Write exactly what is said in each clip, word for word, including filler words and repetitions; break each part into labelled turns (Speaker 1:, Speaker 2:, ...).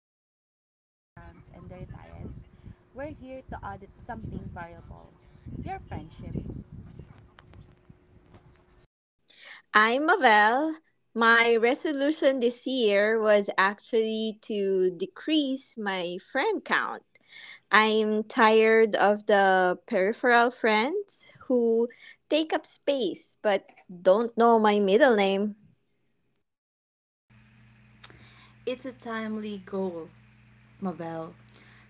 Speaker 1: auditing their bank accounts and their diets, we're here to audit something valuable your friendships.
Speaker 2: I'm well. My resolution this year was actually to decrease my friend count. I'm tired of the peripheral friends who take up space but don't know my middle name.
Speaker 3: It's a timely goal, Mabel.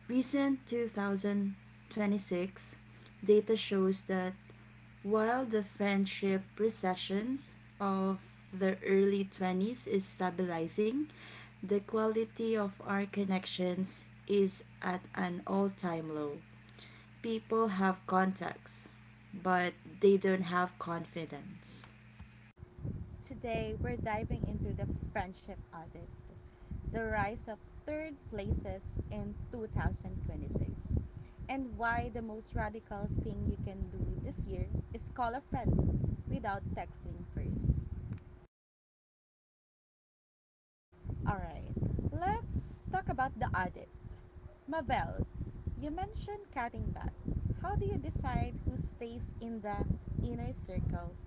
Speaker 3: Recent two thousand twenty-six data shows that while the friendship recession of the early twenties is stabilizing, the quality of our connections is at an all time low. People have contacts, but they don't have confidence.
Speaker 1: Today, we're diving into the friendship audit the rise of third places in two thousand twenty-six, and why the most radical thing you can do this year is call a friend without texting first. All right. Let's talk about the audit. Mabel. You mentioned cutting back. How do you decide who stays in the inner circle?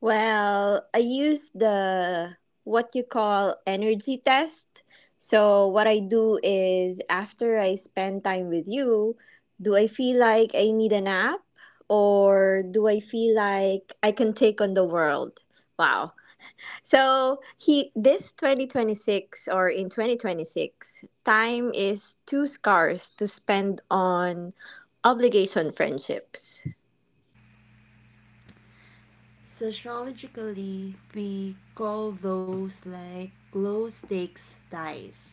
Speaker 2: Well, I use the what you call energy test. So, what I do is after I spend time with you, do I feel like I need a nap or do I feel like I can take on the world? Wow. So, he this 2026 or in twenty twenty-six, time is too scarce to spend on obligation friendships.
Speaker 3: Sociologically, we call those like glow stakes ties.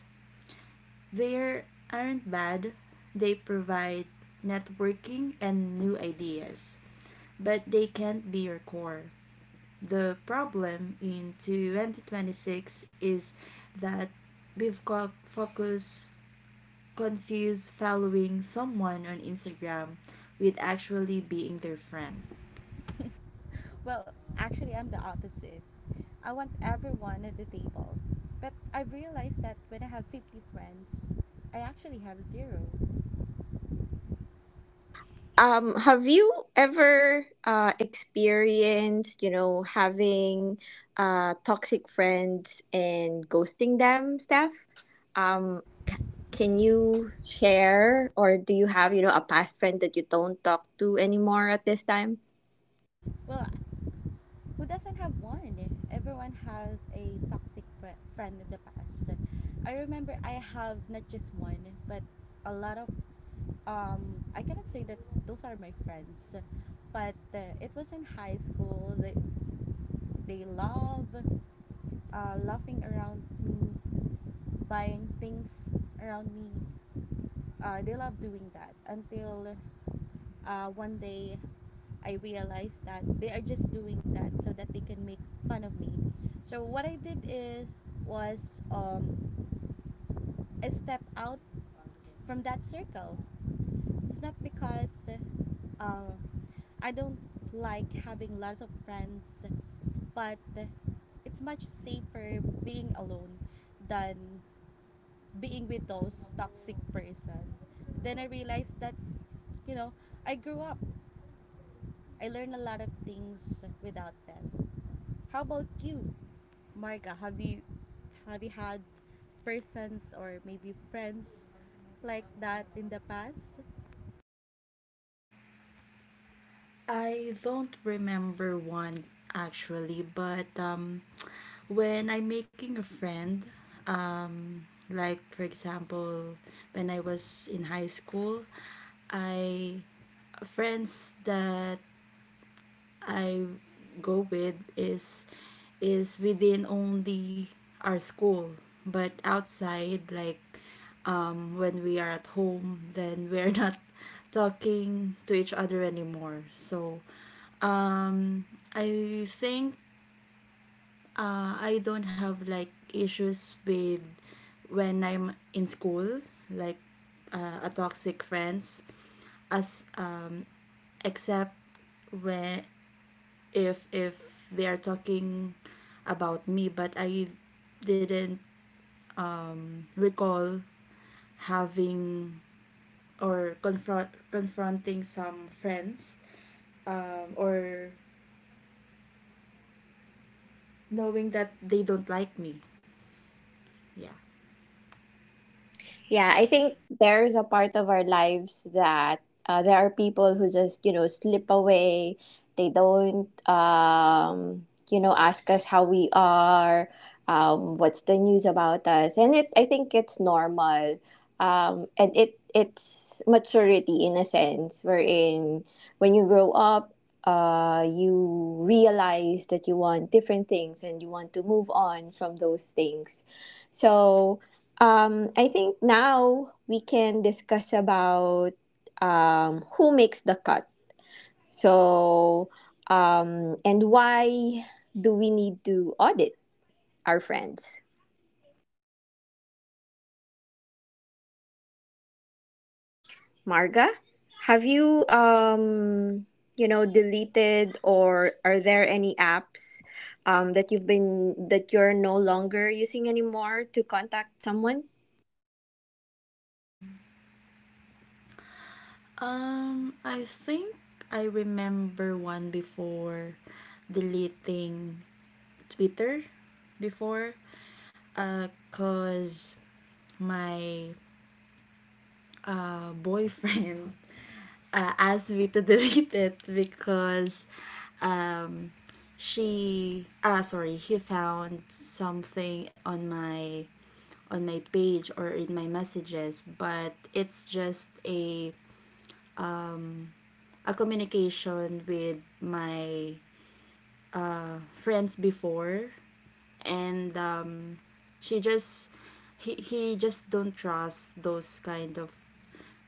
Speaker 3: They aren't bad, they provide networking and new ideas, but they can't be your core. The problem in twenty twenty-six is that we've got focus confused following someone on Instagram with actually being their friend.
Speaker 1: Well, actually, I'm the opposite. I want everyone at the table. But I've realized that when I have fifty friends, I actually have zero.
Speaker 2: Um, have you ever uh, experienced, you know, having uh, toxic friends and ghosting them, Steph? Um, c- can you share, or do you have, you know, a past friend that you don't talk to anymore at this time?
Speaker 1: Well, who doesn't have one? Everyone has a toxic fri- friend in the past. I remember I have not just one, but a lot of um I cannot say that those are my friends, but uh, it was in high school. They they love uh, laughing around me, buying things around me, uh, they love doing that until uh, one day I realized that they are just doing that so that they can make fun of me. So what I did is was um, I step out from that circle. It's not because uh, I don't like having lots of friends, but it's much safer being alone than being with those toxic person. Then I realized that's, you know, I grew up. I learned a lot of things without them. How about you, Marga? Have you have you had persons or maybe friends like that in the past?
Speaker 3: I don't remember one actually, but um, when I'm making a friend, um, like for example, when I was in high school, I friends that I go with is is within only our school, but outside like um when we are at home, then we're not talking to each other anymore. So um I think uh I don't have like issues with when I'm in school, like uh, a toxic friends as uh, except when if if they are talking about me but I didn't recall having or confront confronting some friends, um, or knowing that they don't like me. Yeah.
Speaker 2: Yeah, I think there's a part of our lives that uh, there are people who just, you know, slip away. They don't, um, you know, ask us how we are, um, what's the news about us. And it, I think it's normal. Um, and it, it's maturity in a sense, wherein when you grow up, uh, you realize that you want different things and you want to move on from those things. So, um, I think now we can discuss about um, who makes the cut. So, um, and why do we need to audit our friends? Marga, have you, um, you know, deleted or are there any apps um, that you've been that you're no longer using anymore to contact someone?
Speaker 3: Um i think I remember one before deleting Twitter before because my uh, boyfriend uh, asked me to delete it because, um, she ah sorry he found something on my on my page or in my messages, but it's just a a communication with my uh, friends before, and um, she just he he just don't trust those kind of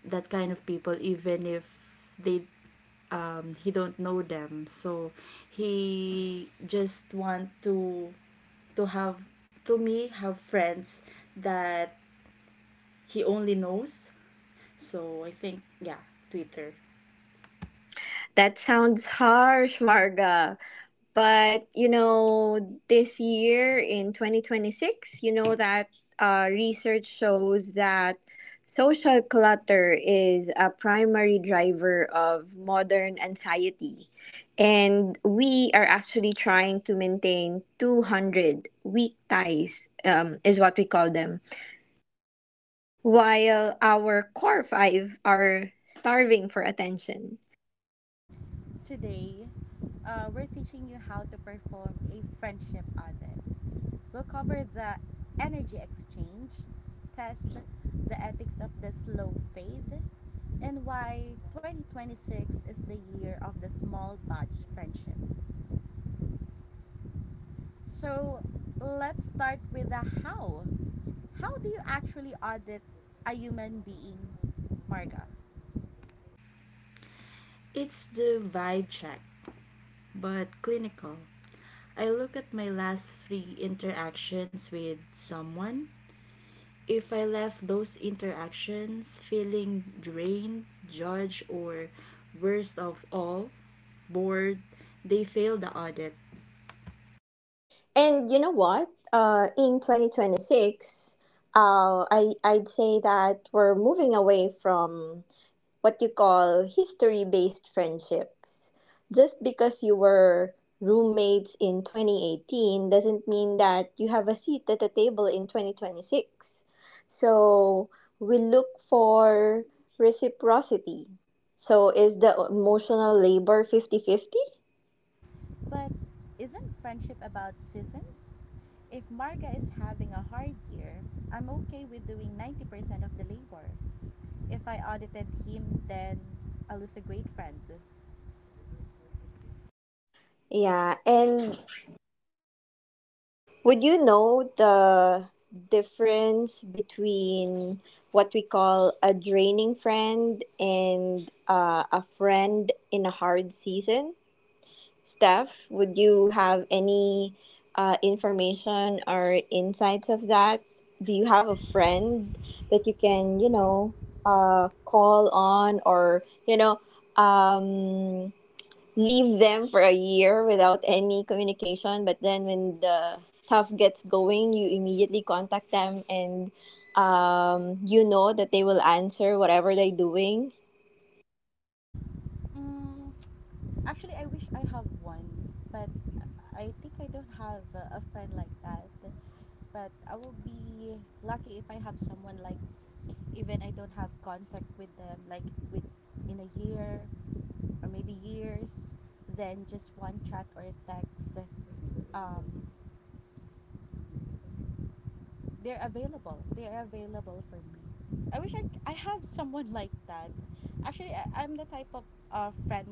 Speaker 3: that kind of people even if they, um, he don't know them. So he just want to to have to me have friends that he only knows. So I think, yeah, Twitter.
Speaker 2: That sounds harsh, Marga. But you know, this year in twenty twenty-six, you know that uh, research shows that social clutter is a primary driver of modern anxiety. And we are actually trying to maintain two hundred weak ties, um, is what we call them, while our core five are starving for attention.
Speaker 1: Today, uh, we're teaching you how to perform a friendship audit. We'll cover the energy exchange, test the ethics of the slow fade, and why twenty twenty-six is the year of the small batch friendship. So, let's start with the how. How do you actually audit a human being, Marga?
Speaker 3: It's the vibe check, but clinical. I look at my last three interactions with someone. If I left those interactions feeling drained, judged, or worst of all, bored, they failed the audit.
Speaker 2: And you know what? Uh, in twenty twenty-six, uh, I, I'd say that we're moving away from what you call history based friendships. Just because you were roommates in twenty eighteen doesn't mean that you have a seat at the table in twenty twenty-six. So we look for reciprocity. So is the emotional labor fifty fifty?
Speaker 1: But isn't friendship about seasons? If Marga is having a hard year, I'm okay with doing ninety percent of the labor. If I audited him, then I lose a great friend.
Speaker 2: Yeah, and would you know the difference between what we call a draining friend and uh, a friend in a hard season? Steph, would you have any uh, information or insights of that? Do you have a friend that you can, you know, uh, call on or, you know, um, leave them for a year without any communication, but then when the tough gets going you immediately contact them and, um, you know that they will answer whatever they're doing?
Speaker 1: Mm, actually, I wish I have one, but I think I don't have a, a friend like that. But I will be lucky if I have someone like even I don't have contact with them like with in a year or maybe years, then just one chat or a text. Um, they're available. They are available for me. I wish I, c- I have someone like that. Actually, I, I'm the type of uh, friend.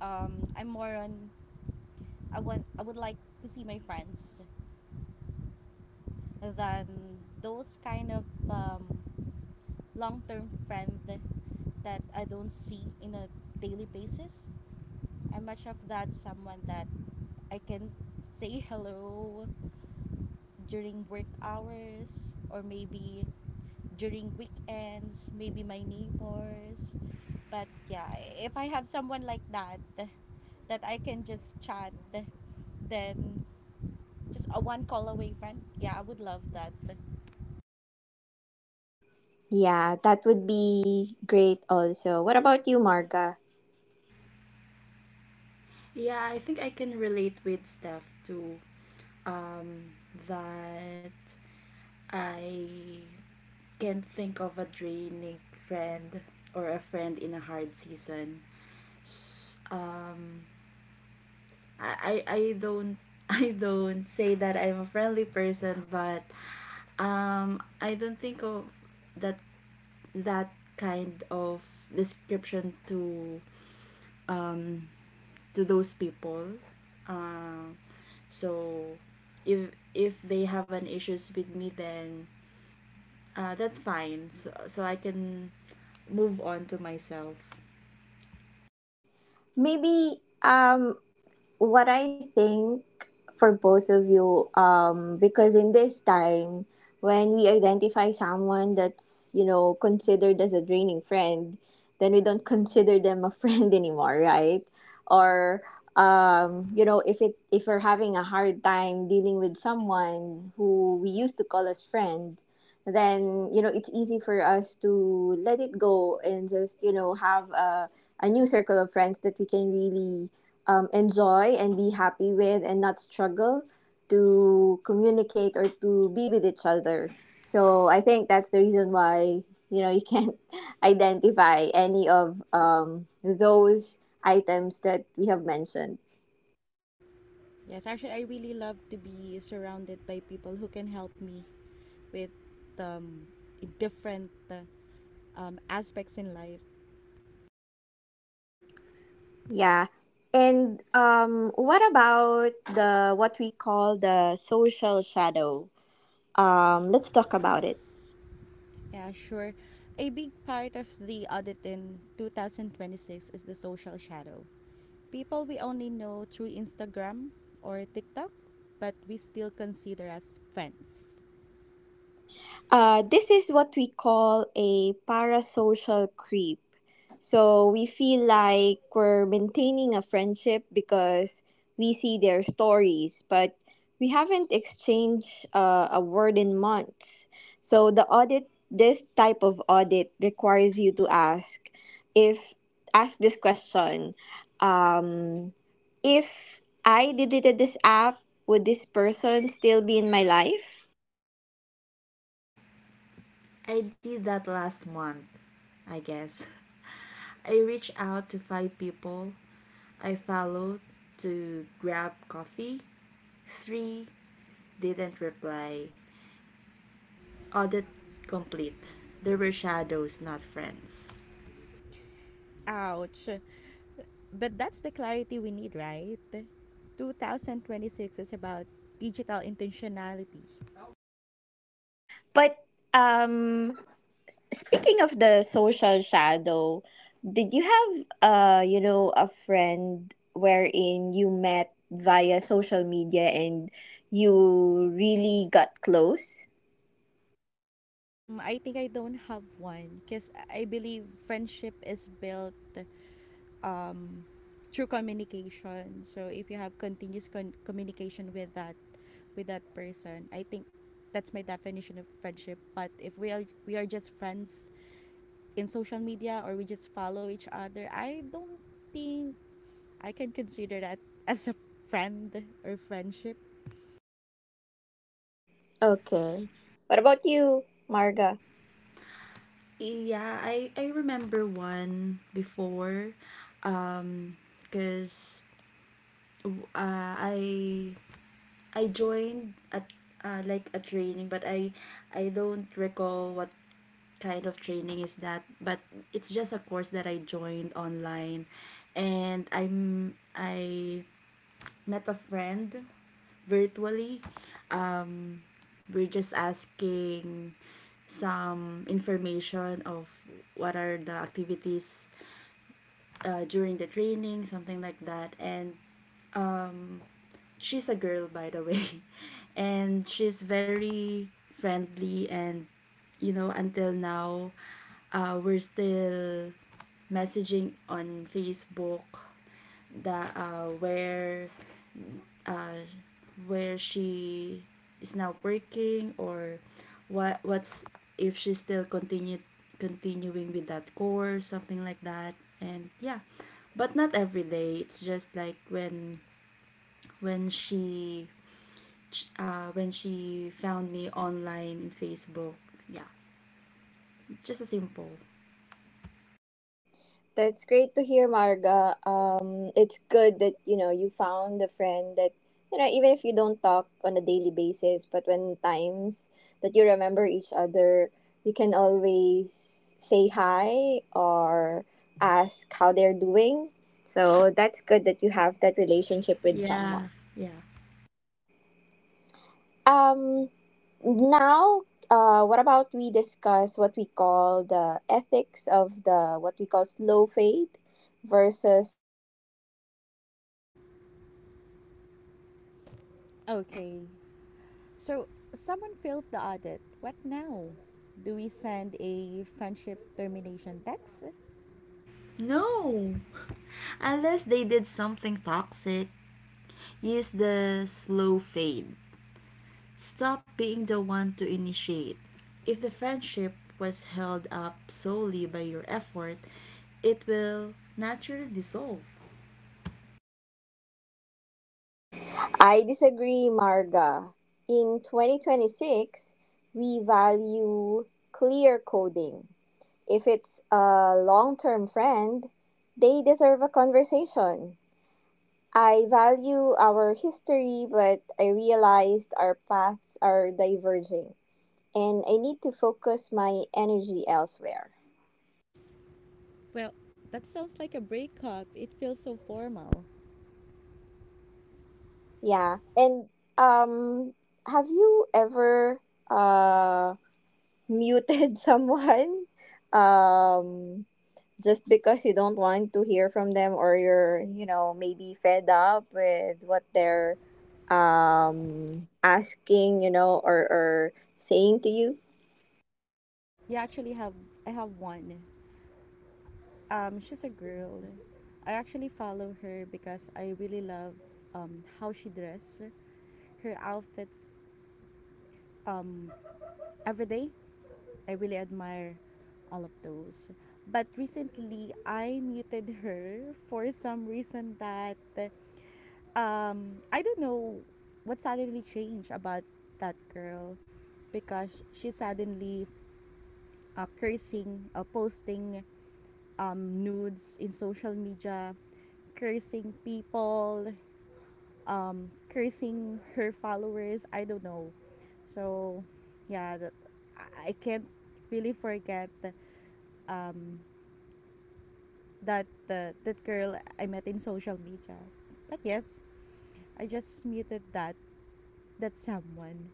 Speaker 1: Um, I'm more on I want I would like to see my friends than those kind of um, long term friend that I don't see in a daily basis. I'm much of that someone that I can say hello during work hours or maybe during weekends, maybe my neighbors. But yeah, if I have someone like that that I can just chat, then just a one call away friend. Yeah, I would love that.
Speaker 2: Yeah, that would be great also. What about you, Marga?
Speaker 3: Yeah, I think I can relate with Steph too. Um, that I can't think of a draining friend or a friend in a hard season. s- um I I I don't I don't say that I'm a friendly person, but um I don't think of that that kind of description to um to those people. Um so if if they have an issues with me, then uh that's fine. So, so I can move on to myself.
Speaker 2: Maybe, um what I think for both of you, um, because in this time, when we identify someone that's, you know, considered as a draining friend, then we don't consider them a friend anymore, right? Or, um, you know, if it if we're having a hard time dealing with someone who we used to call as friend, then you know it's easy for us to let it go and just you know have a a new circle of friends that we can really um, enjoy and be happy with and not struggle to communicate or to be with each other. So I think that's the reason why you know you can't identify any of um, those items that we have mentioned.
Speaker 1: Yes, actually, I really love to be surrounded by people who can help me with um, different uh, um, aspects in life.
Speaker 2: Yeah. And um, what about the what we call the social shadow? Um, let's talk about it.
Speaker 1: Yeah, sure. A big part of the audit in twenty twenty-six is the social shadow. People we only know through Instagram or TikTok, but we still consider as friends.
Speaker 2: Uh, this is what we call a parasocial creep. So we feel like we're maintaining a friendship because we see their stories, but we haven't exchanged uh, a word in months. So the audit, this type of audit requires you to ask if ask this question. Um, if I deleted this app, would this person still be in my life?
Speaker 3: I did that last month, I guess. I reached out to five people I followed to grab coffee. Three didn't reply. Audit complete. There were shadows, not friends.
Speaker 1: Ouch. But that's the clarity we need, right? twenty twenty-six is about digital intentionality.
Speaker 2: But um speaking of the social shadow, did you have uh you know a friend wherein you met via social media and you really got close?
Speaker 1: Mm, I think I don't have one because I believe friendship is built um, through communication. So if you have continuous con- communication with that with that person, I think that's my definition of friendship. But if we are we are just friends in social media or we just follow each other, I don't think I can consider that as a friend or friendship.
Speaker 2: Okay. What about you, Marga?
Speaker 3: Yeah, I, I remember one before, um because, uh, I I joined at uh, like a training, but I I don't recall what kind of training is that, but it's just a course that I joined online, and I'm I met a friend virtually. Um, we're just asking some information of what are the activities uh, during the training, something like that, and she's a girl by the way and she's very friendly. And you know until now, uh, we're still messaging on Facebook that, uh, where, uh, where she is now working, or what what's if she still continue continuing with that course, something like that. And yeah, but not every day, it's just like when when she uh, when she found me online in Facebook. Yeah, just a simple.
Speaker 2: That's great to hear, Marga. Um, it's good that you know you found a friend that you know even if you don't talk on a daily basis, but when times that you remember each other, you can always say hi or ask how they're doing. So that's good that you have that relationship with someone.
Speaker 3: Yeah. Yeah.
Speaker 2: Um, now, uh, what about we discuss what we call the ethics of the what we call slow fade versus
Speaker 1: Okay. So someone fails the audit. What now? Do we send a friendship termination text?
Speaker 3: No. Unless they did something toxic. Use the slow fade. Stop being the one to initiate. If the friendship was held up solely by your effort, it will naturally dissolve.
Speaker 2: I disagree, Marga. In twenty twenty-six, we value clear coding. If it's a long term friend, they deserve a conversation. I value our history, but I realized our paths are diverging and I need to focus my energy elsewhere.
Speaker 1: Well, that sounds like a breakup. It feels so formal.
Speaker 2: Yeah. And um have you ever uh muted someone? Um just because you don't want to hear from them or you're you know maybe fed up with what they're um asking you know or or saying to you?
Speaker 1: Yeah, actually have I have one. Um, she's a girl. I actually follow her because I really love um how she dress, her outfits um every day. I really admire all of those. But recently I muted her for some reason that um I don't know what suddenly changed about that girl because she suddenly uh, cursing uh, posting um nudes in social media cursing people, um, cursing her followers. I don't know. So, yeah, that, I I can't really forget um, that uh, that girl I met in social media. But yes, I just muted that that someone.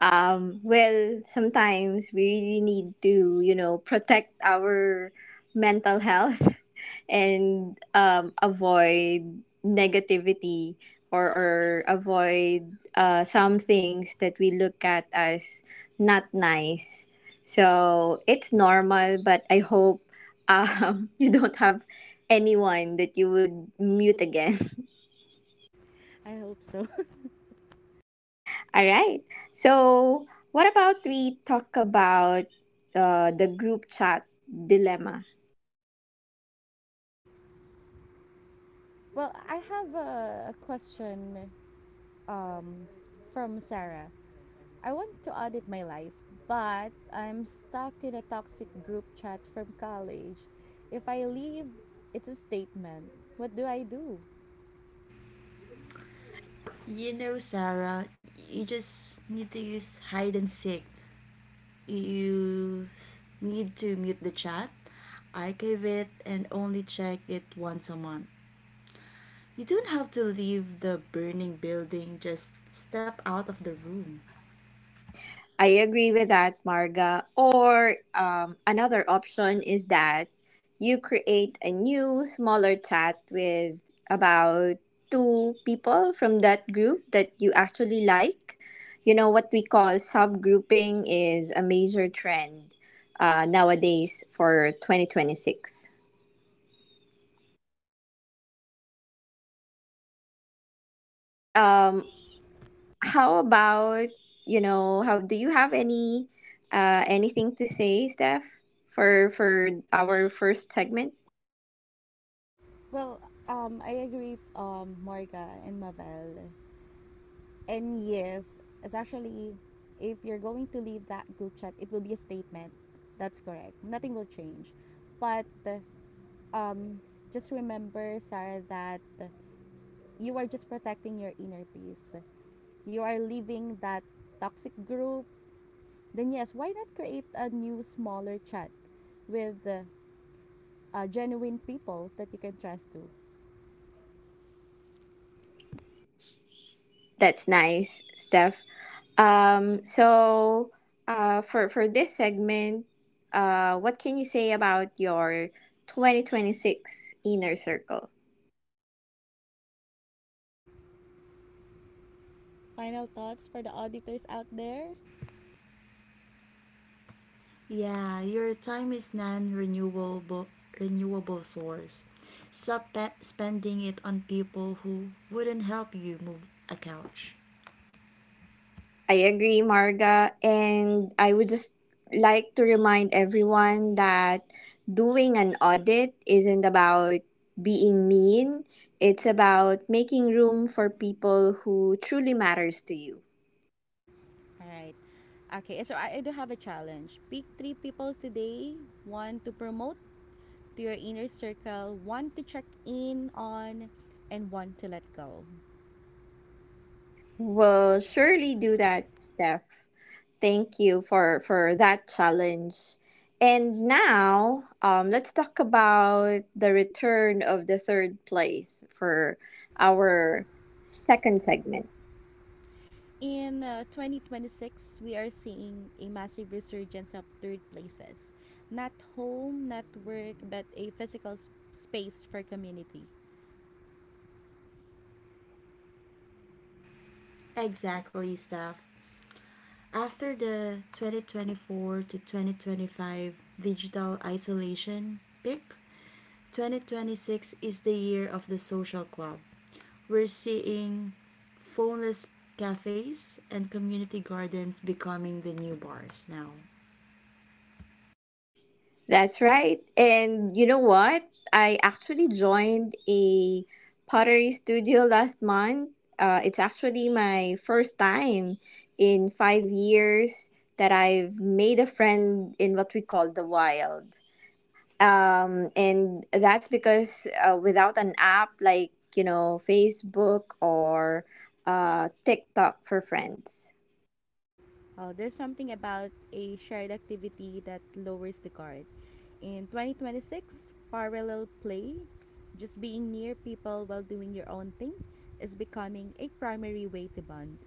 Speaker 2: Um, well, sometimes we really need to, you know, protect our mental health and um, avoid negativity or, or avoid uh, some things that we look at as not nice. So it's normal, but I hope um, you don't have anyone that you would mute again.
Speaker 1: I hope so.
Speaker 2: All right. So, what about we talk about uh, the group chat dilemma?
Speaker 1: Well, I have a question um, from Sarah. I want to audit my life, but I'm stuck in a toxic group chat from college. If I leave, it's a statement. What do I do?
Speaker 3: You know, Sarah, you just need to use hide and seek. You s- need to mute the chat, archive it, and only check it once a month. You don't have to leave the burning building, just step out of the room.
Speaker 2: I agree with that, Marga. Or um, another option is that you create a new smaller chat with about two people from that group that you actually like. You know what we call subgrouping is a major trend uh, nowadays for twenty twenty-six. Um, How about, you know, how do you have any uh anything to say, Steph, for for our first segment?
Speaker 1: Well, um, I agree with um, Morga and Mavel. And yes, it's actually, if you're going to leave that group chat, it will be a statement. That's correct. Nothing will change. But um, just remember, Sarah, that you are just protecting your inner peace. You are leaving that toxic group, then yes, why not create a new smaller chat with uh, uh, genuine people that you can trust to?
Speaker 2: That's nice, Steph. Um so uh for for this segment, uh what can you say about your twenty twenty-six inner circle?
Speaker 1: Final thoughts for the auditors out there?
Speaker 3: Yeah, your time is non-renewable renewable source. Stop pe- spending it on people who wouldn't help you move a couch.
Speaker 2: I agree, Marga. And I would just like to remind everyone that doing an audit isn't about being mean, it's about making room for people who truly matters to you.
Speaker 1: All right. Okay, so I, I do have a challenge. Pick three people today one to promote to your inner circle, one to check in on, and one to let go.
Speaker 2: We'll surely do that, Steph. Thank you for, for that challenge. And now, um, let's talk about the return of the third place for our second segment.
Speaker 1: In uh, twenty twenty-six, we are seeing a massive resurgence of third places. Not home, not work, but a physical s- space for community.
Speaker 3: Exactly, Steph. After the twenty twenty-four to twenty twenty-five digital isolation peak, twenty twenty-six is the year of the social club. We're seeing phoneless cafes and community gardens becoming the new bars now.
Speaker 2: That's right. And you know what? I actually joined a pottery studio last month. Uh, it's actually my first time in five years that I've made a friend in what we call the wild. Um, and that's because uh, without an app like, you know, Facebook or uh, TikTok for friends.
Speaker 1: Uh, there's something about a shared activity that lowers the guard. In twenty twenty-six, parallel play, just being near people while doing your own thing, is becoming a primary way to bond.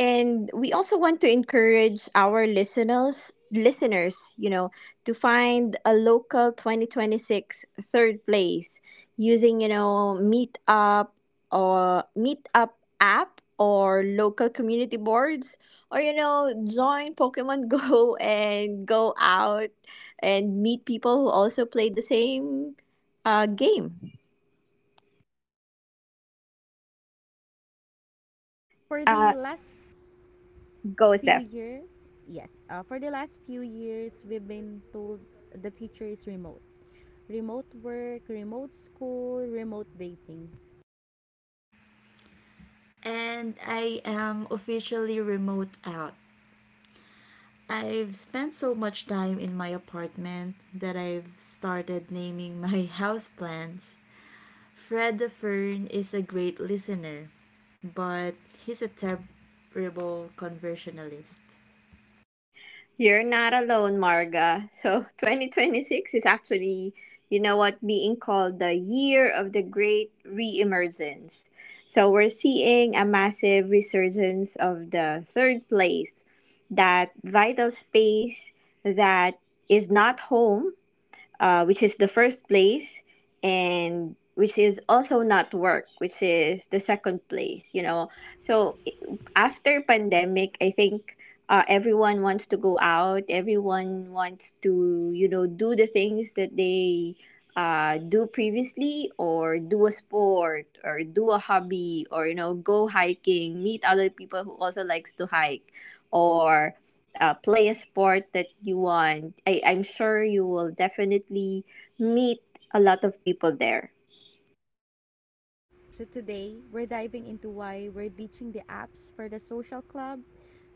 Speaker 2: And we also want to encourage our listeners listeners you know to find a local twenty twenty six third place using you know meetup or meetup app or local community boards or you know join Pokemon Go and go out and meet people who also play the same uh, game.
Speaker 1: For
Speaker 2: uh,
Speaker 1: the last
Speaker 2: Go,
Speaker 1: few
Speaker 2: Steph.
Speaker 1: years, yes, uh, for the last few years, we've been told the future is remote. Remote work, remote school, remote dating.
Speaker 3: And I am officially remote out. I've spent so much time in my apartment that I've started naming my house plants. Fred the Fern is a great listener, but he's a terrible conversationalist.
Speaker 2: You're not alone, Marga. So twenty twenty-six is actually, you know what, being called the year of the great reemergence. So we're seeing a massive resurgence of the third place, that vital space that is not home uh, which is the first place, and which is also not work, which is the second place. You know, so i- after pandemic, I think uh, everyone wants to go out. Everyone wants to you know do the things that they uh, do previously, or do a sport, or do a hobby, or you know go hiking, meet other people who also likes to hike, or uh, play a sport that you want. I, I'm sure you will definitely meet a lot of people there.
Speaker 1: So today, we're diving into why we're ditching the apps for the social club,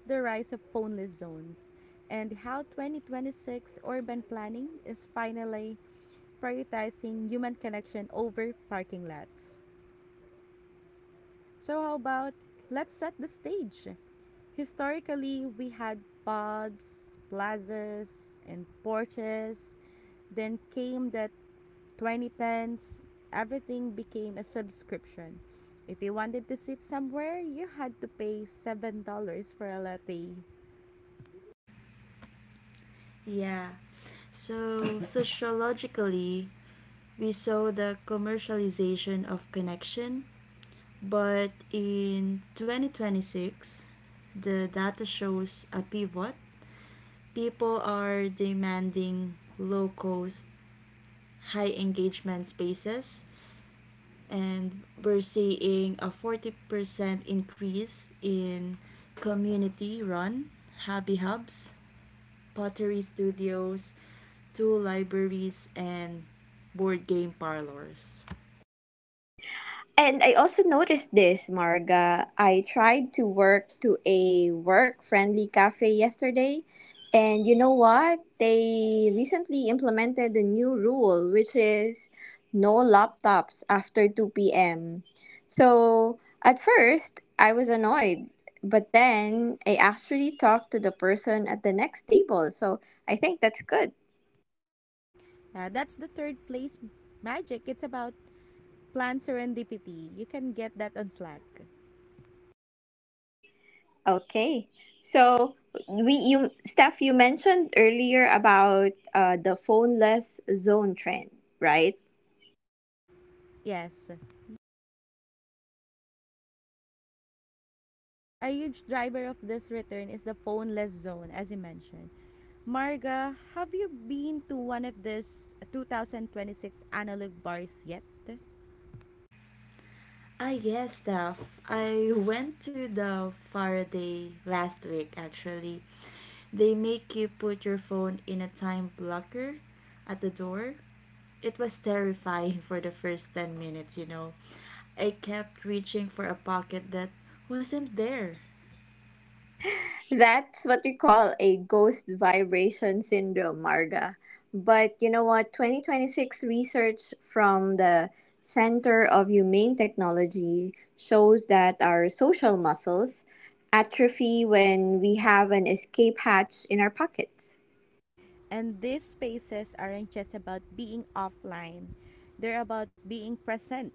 Speaker 1: the rise of phoneless zones, and how twenty twenty-six urban planning is finally prioritizing human connection over parking lots. So, how about let's set the stage? Historically, we had pubs, plazas, and porches. Then came the twenty tens. Everything became a subscription. If you wanted to sit somewhere, you had to pay seven dollars for a latte.
Speaker 3: Yeah. So, sociologically, we saw the commercialization of connection, but in twenty twenty-six, the data shows a pivot. People are demanding low cost, high engagement spaces, and we're seeing a forty percent increase in community run hobby hubs, pottery studios, tool libraries, and board game parlors.
Speaker 2: And I also noticed this, Marga. I tried to work to a work friendly cafe yesterday. And you know what? They recently implemented a new rule, which is no laptops after two p m. So at first, I was annoyed. But then I actually talked to the person at the next table. So I think that's good.
Speaker 1: Uh, that's the third place magic. It's about plan serendipity. You can get that on Slack.
Speaker 2: Okay. So we you Steph, you mentioned earlier about uh, the phoneless zone trend, right?
Speaker 1: Yes. A huge driver of this return is the phoneless zone, as you mentioned. Marga, have you been to one of these two thousand twenty-six analog bars yet?
Speaker 3: Ah, yes, Steph. I went to the Faraday last week actually. They make you put your phone in a time blocker at the door. It was terrifying for the first ten minutes, you know. I kept reaching for a pocket that wasn't there.
Speaker 2: That's what we call a ghost vibration syndrome, Marga. But you know what? twenty twenty-six research from the Center of Humane Technology shows that our social muscles atrophy when we have an escape hatch in our pockets.
Speaker 1: And these spaces aren't just about being offline, they're about being present.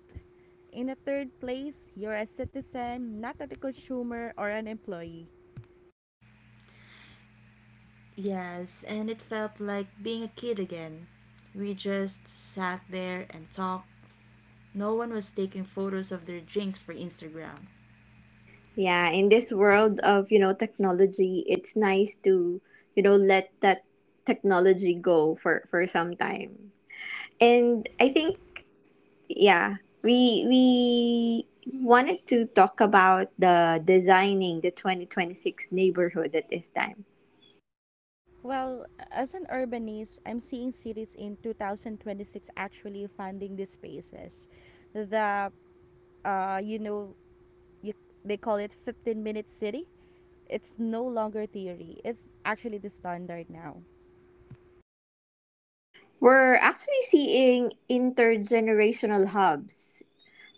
Speaker 1: In the third place, you're a citizen, not a consumer or an employee.
Speaker 3: Yes, and it felt like being a kid again. We just sat there and talked. No one was taking photos of their drinks for Instagram.
Speaker 2: Yeah, in this world of, you know, technology, it's nice to, you know, let that technology go for for some time. And I think yeah, we we wanted to talk about the designing the twenty twenty-six neighborhood at this time.
Speaker 1: Well, as an urbanist, I'm seeing cities in two thousand twenty-six actually funding these spaces. The uh, you know you, they call it fifteen minute city. It's no longer theory, it's actually the standard now.
Speaker 2: We're actually seeing intergenerational hubs.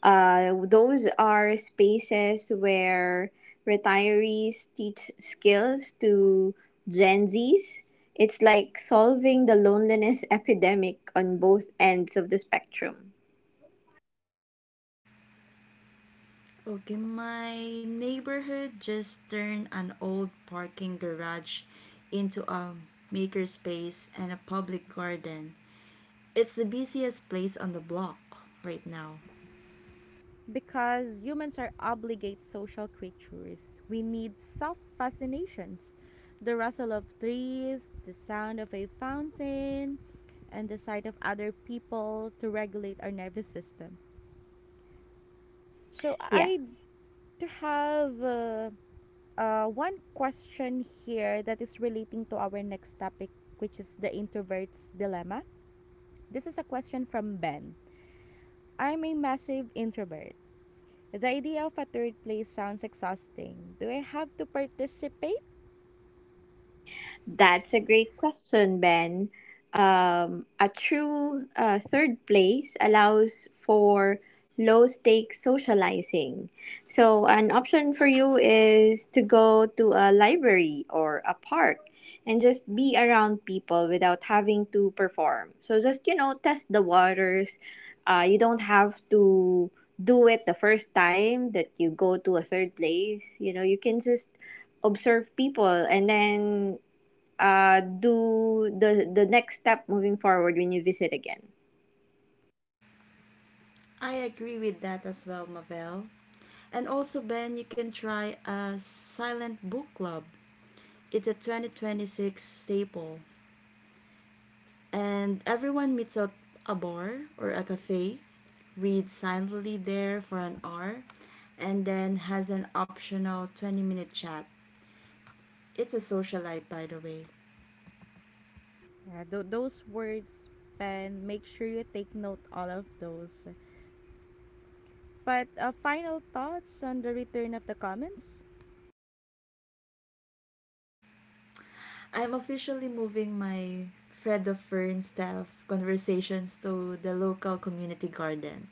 Speaker 2: Uh, those are spaces where retirees teach skills to Gen Zs. It's like solving the loneliness epidemic on both ends of the spectrum.
Speaker 3: Okay, my neighborhood just turned an old parking garage into a makerspace and a public garden. It's the busiest place on the block right now.
Speaker 1: Because humans are obligate social creatures, we need soft fascinations. The rustle of trees, the sound of a fountain, and the sight of other people to regulate our nervous system. So,
Speaker 2: Yeah.
Speaker 1: I do have uh, uh, one question here that is relating to our next topic, which is the introvert's dilemma. This is a question from Ben. I'm a massive introvert. The idea of a third place sounds exhausting. Do I have to participate?
Speaker 2: That's a great question, Ben. Um, a true uh, third place allows for low stakes socializing. So, an option for you is to go to a library or a park and just be around people without having to perform. So, just, you know, test the waters. Uh, you don't have to do it the first time that you go to a third place. You know, you can just observe people and then uh, do the the next step moving forward when you visit again.
Speaker 3: I agree with that as well, Mavel. And also, Ben, you can try a silent book club. It's a twenty twenty-six staple. And everyone meets at a bar or a cafe, reads silently there for an hour, and then has an optional twenty minute chat. It's a socialite, by the way.
Speaker 1: Yeah, tho- those words, Ben, make sure you take note all of those. But uh, final thoughts on the return of the comments?
Speaker 3: I'm officially moving my Fred of Fern staff conversations to the local community garden.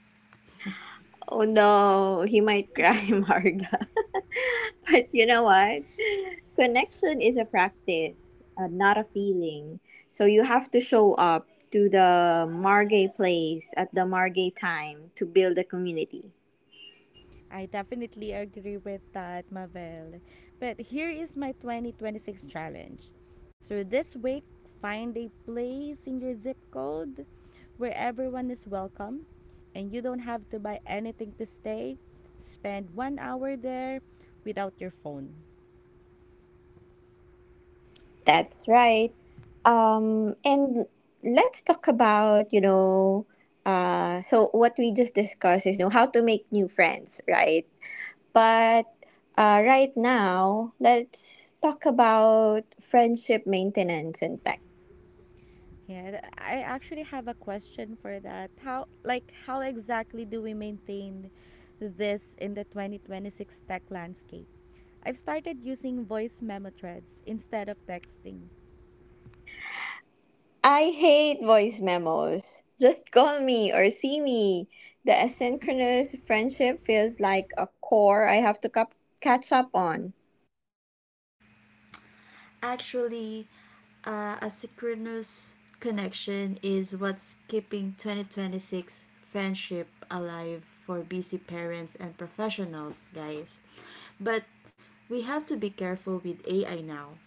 Speaker 2: Oh no, he might cry, Marga. But you know what? Connection is a practice, uh, not a feeling. So you have to show up to the Margay place at the Margay time to build a community.
Speaker 1: I definitely agree with that, Mabel. But here is my twenty twenty-six challenge. So this week, find a place in your zip code where everyone is welcome and you don't have to buy anything to stay. Spend one hour there without your phone.
Speaker 2: That's right. Um, and let's talk about, you know, uh, so what we just discussed is you know, how to make new friends, right? But uh, right now, let's talk about friendship maintenance and tech.
Speaker 1: Yeah, th- I actually have a question for that. How like how exactly do we maintain this in the twenty twenty-six tech landscape? I've started using voice memo threads instead of texting.
Speaker 2: I hate voice memos. Just call me or see me. The asynchronous friendship feels like a core I have to cap- catch up on.
Speaker 3: Actually, Uh, asynchronous connection is what's keeping twenty twenty-six friendship alive for busy parents and professionals, guys. But we have to be careful with A I now.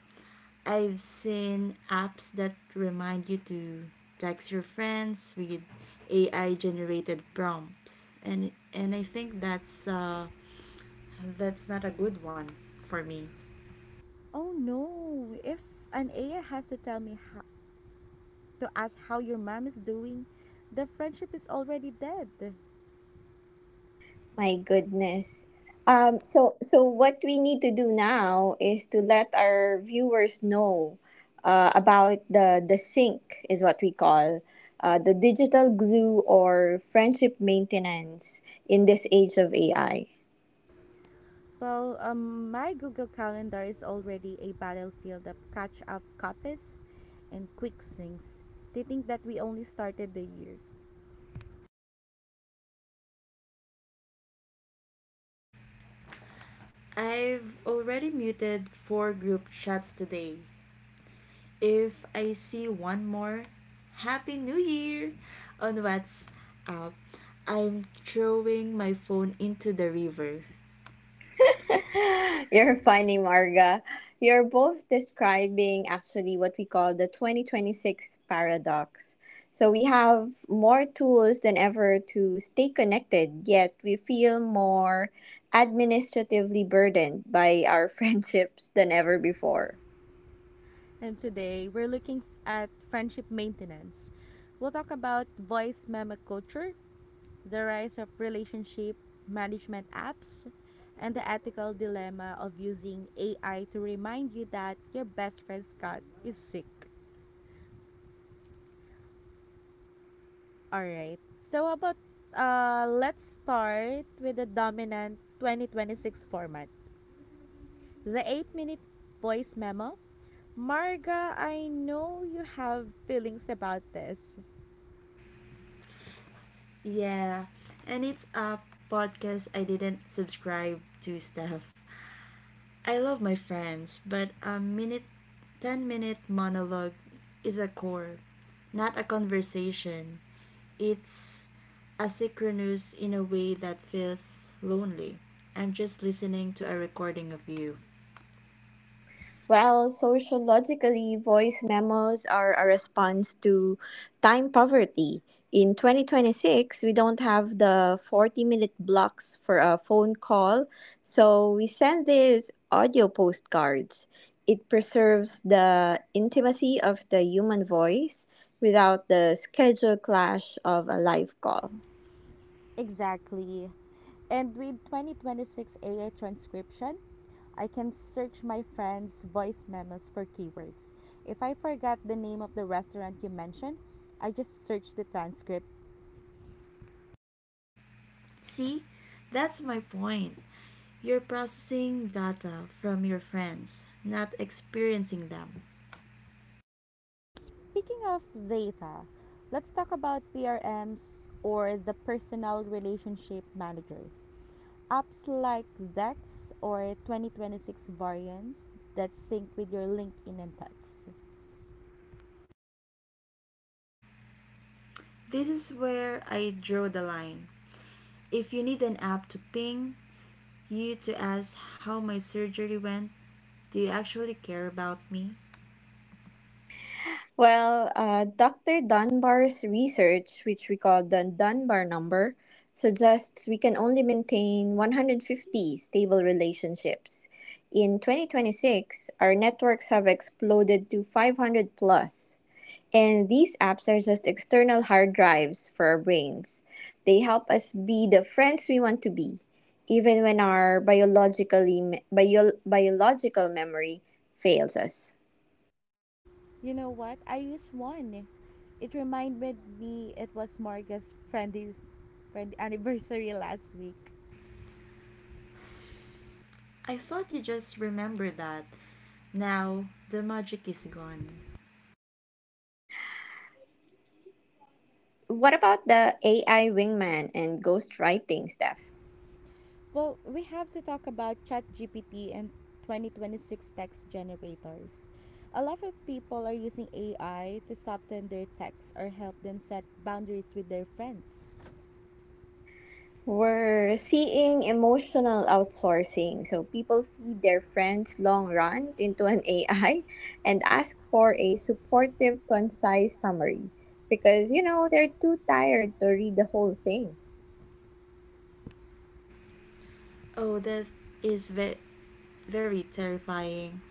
Speaker 3: I've seen apps that remind you to text your friends with A I generated prompts, and and I think that's uh that's not a good one for me.
Speaker 1: Oh no, if an A I has to tell me how to ask how your mom is doing, the friendship is already dead.
Speaker 2: My goodness. Um, so, so what we need to do now is to let our viewers know uh, about the the sink is what we call uh, the digital glue or friendship maintenance in this age of A I.
Speaker 1: Well, um, my Google Calendar is already a battlefield of catch up coffees and quick syncs. They think that we only started the year.
Speaker 3: I've already muted four group chats today. If I see one more Happy New Year on WhatsApp, I'm throwing my phone into the river.
Speaker 2: You're funny, Marga. You're both describing actually what we call the twenty twenty-six paradox. So we have more tools than ever to stay connected, yet we feel more administratively burdened by our friendships than ever before.
Speaker 1: And today, we're looking f- at friendship maintenance. We'll talk about voice memo culture, the rise of relationship management apps, and the ethical dilemma of using A I to remind you that your best friend's cat is sick. All right. So how about uh let's start with the dominant twenty twenty-six format. The eight-minute voice memo. Marga, I know you have feelings about this.
Speaker 3: Yeah, and it's a podcast I didn't subscribe to, Stuff. I love my friends, but a minute, ten minute monologue is a core, not a conversation. It's asynchronous in a way that feels lonely. I'm just listening to a recording of you.
Speaker 2: Well, sociologically, voice memos are a response to time poverty. In twenty twenty-six, we don't have the forty minute blocks for a phone call, so we send these audio postcards. It preserves the intimacy of the human voice without the schedule clash of a live call.
Speaker 1: Exactly. And with twenty twenty-six A I transcription, I can search my friend's voice memos for keywords. If I forgot the name of the restaurant you mentioned, I just search the transcript.
Speaker 3: See, that's my point. You're processing data from your friends, not experiencing them.
Speaker 1: Speaking of data, let's talk about P R Ms or the personal relationship managers. Apps like Dex or twenty twenty-six variants that sync with your LinkedIn and text.
Speaker 3: This is where I draw the line. If you need an app to ping you to ask how my surgery went, do you actually care about me?
Speaker 2: Well, uh, doctor Dunbar's research, which we call the Dunbar number, suggests we can only maintain one hundred fifty stable relationships. In twenty twenty-six, our networks have exploded to five hundred plus. And these apps are just external hard drives for our brains. They help us be the friends we want to be, even when our biologically bio, biological memory fails us.
Speaker 1: You know what? I used one. It reminded me it was Marga's friendly, friend anniversary last week.
Speaker 3: I thought you just remembered that. Now the magic is gone.
Speaker 2: What about the A I wingman and ghostwriting stuff?
Speaker 1: Well, we have to talk about ChatGPT and twenty twenty-six text generators. A lot of people are using A I to soften their texts or help them set boundaries with their friends.
Speaker 2: We're seeing emotional outsourcing. So people feed their friends long rant into an A I and ask for a supportive, concise summary because, you know, they're too tired to read the whole thing.
Speaker 3: Oh, that is ve- very terrifying.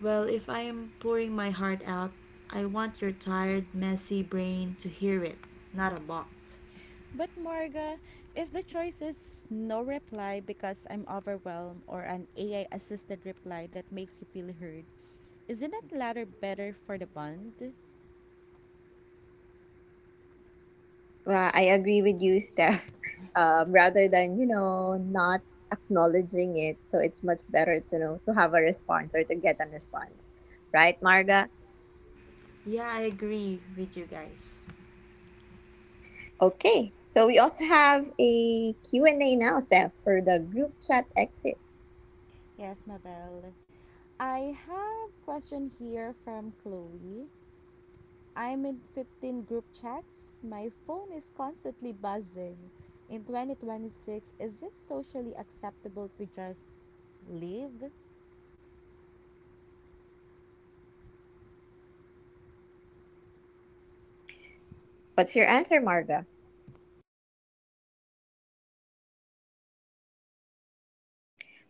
Speaker 3: Well, if I am pouring my heart out, I want your tired, messy brain to hear it, not a bot.
Speaker 1: But Marga, if the choice is no reply because I'm overwhelmed or an A I assisted reply that makes you feel heard, isn't that latter better for the bond?
Speaker 2: Well, I agree with you, Steph. Um, rather than, you know, not acknowledging it. So it's much better to know to have a response or to get a response. Right, Marga?
Speaker 3: Yeah, I agree with you guys.
Speaker 2: Okay, so we also have a Q and A now, Steph, for the group chat exit.
Speaker 1: Yes, Mabel. I have question here from Chloe. I'm in fifteen group chats. My phone is constantly buzzing. In twenty twenty-six, is it socially acceptable to just live?
Speaker 2: What's your answer, Marga?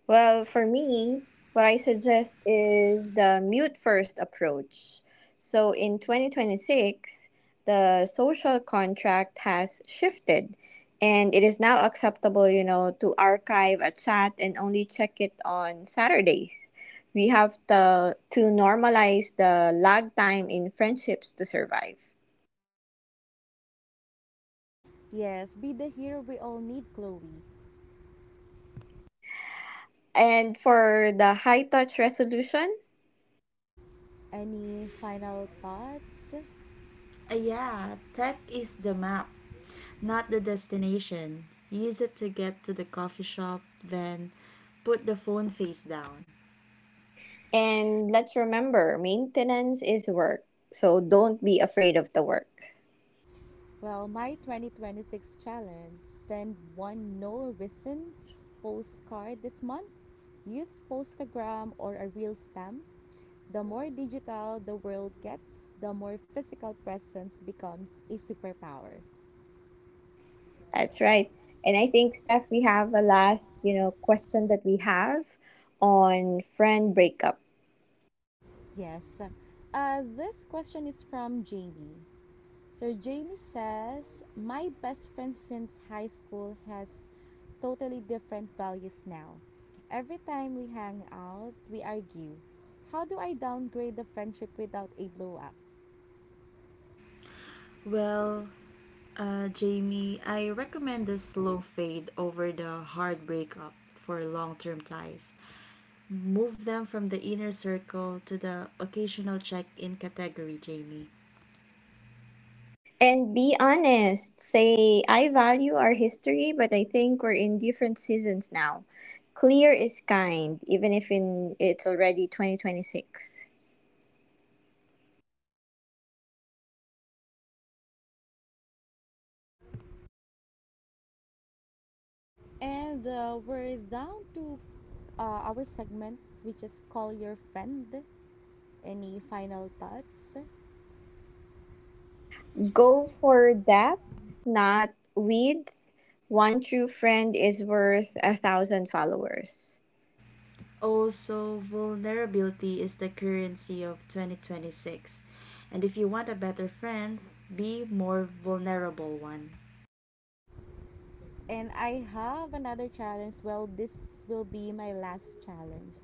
Speaker 2: Well, for me, what I suggest is the mute first approach. So in twenty twenty-six, the social contract has shifted and it is now acceptable, you know, to archive a chat and only check it on Saturdays. We have to, to normalize the lag time in friendships to survive.
Speaker 1: Yes, be the hero we all need, Chloe.
Speaker 2: And for the high touch resolution,
Speaker 1: Any final thoughts?
Speaker 3: Uh, yeah, tech is the map, not the destination. Use it to get to the coffee shop, then put the phone face down.
Speaker 2: and let's remember maintenance is work. So don't be afraid of the work.
Speaker 1: Well, my twenty twenty-six challenge send one no reason postcard this month. Use Postagram or a real stamp. The more digital the world gets, the more physical presence becomes a superpower.
Speaker 2: That's right. And I think Steph, we have a last, you know, question that we have on friend breakup.
Speaker 1: Yes. Uh, this question is from Jamie. So Jamie says, my best friend since high school has totally different values now. Every time we hang out, we argue. How do I downgrade the friendship without a blow up?
Speaker 3: Well, uh, Jamie, I recommend the slow fade over the hard breakup for long term ties. Move them from the inner circle to the occasional check in category, Jamie.
Speaker 2: And be honest, say I value our history, but I think we're in different seasons now. Clear is kind, even if in it's already twenty twenty-six.
Speaker 1: And uh, we're down to uh, our segment, which is Call Your Friend. Any final thoughts?
Speaker 2: Go for depth, not width. One true friend is worth a thousand followers.
Speaker 3: Also, vulnerability is the currency of twenty twenty-six. And if you want a better friend, be more vulnerable one.
Speaker 1: And I have another challenge. Well, this will be my last challenge.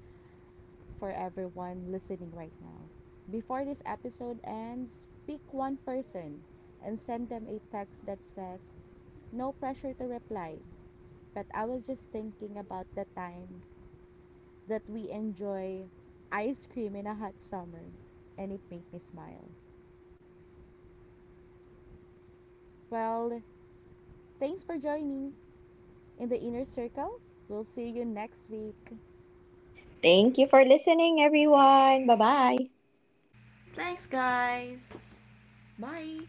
Speaker 1: For everyone listening right now. Before this episode ends, pick one person and send them a text that says, no pressure to reply, but I was just thinking about the time that we enjoy ice cream in a hot summer, and it made me smile. Well, thanks for joining in the inner circle. We'll see you next week.
Speaker 2: Thank you for listening, everyone. Bye bye.
Speaker 3: Thanks, guys. Bye.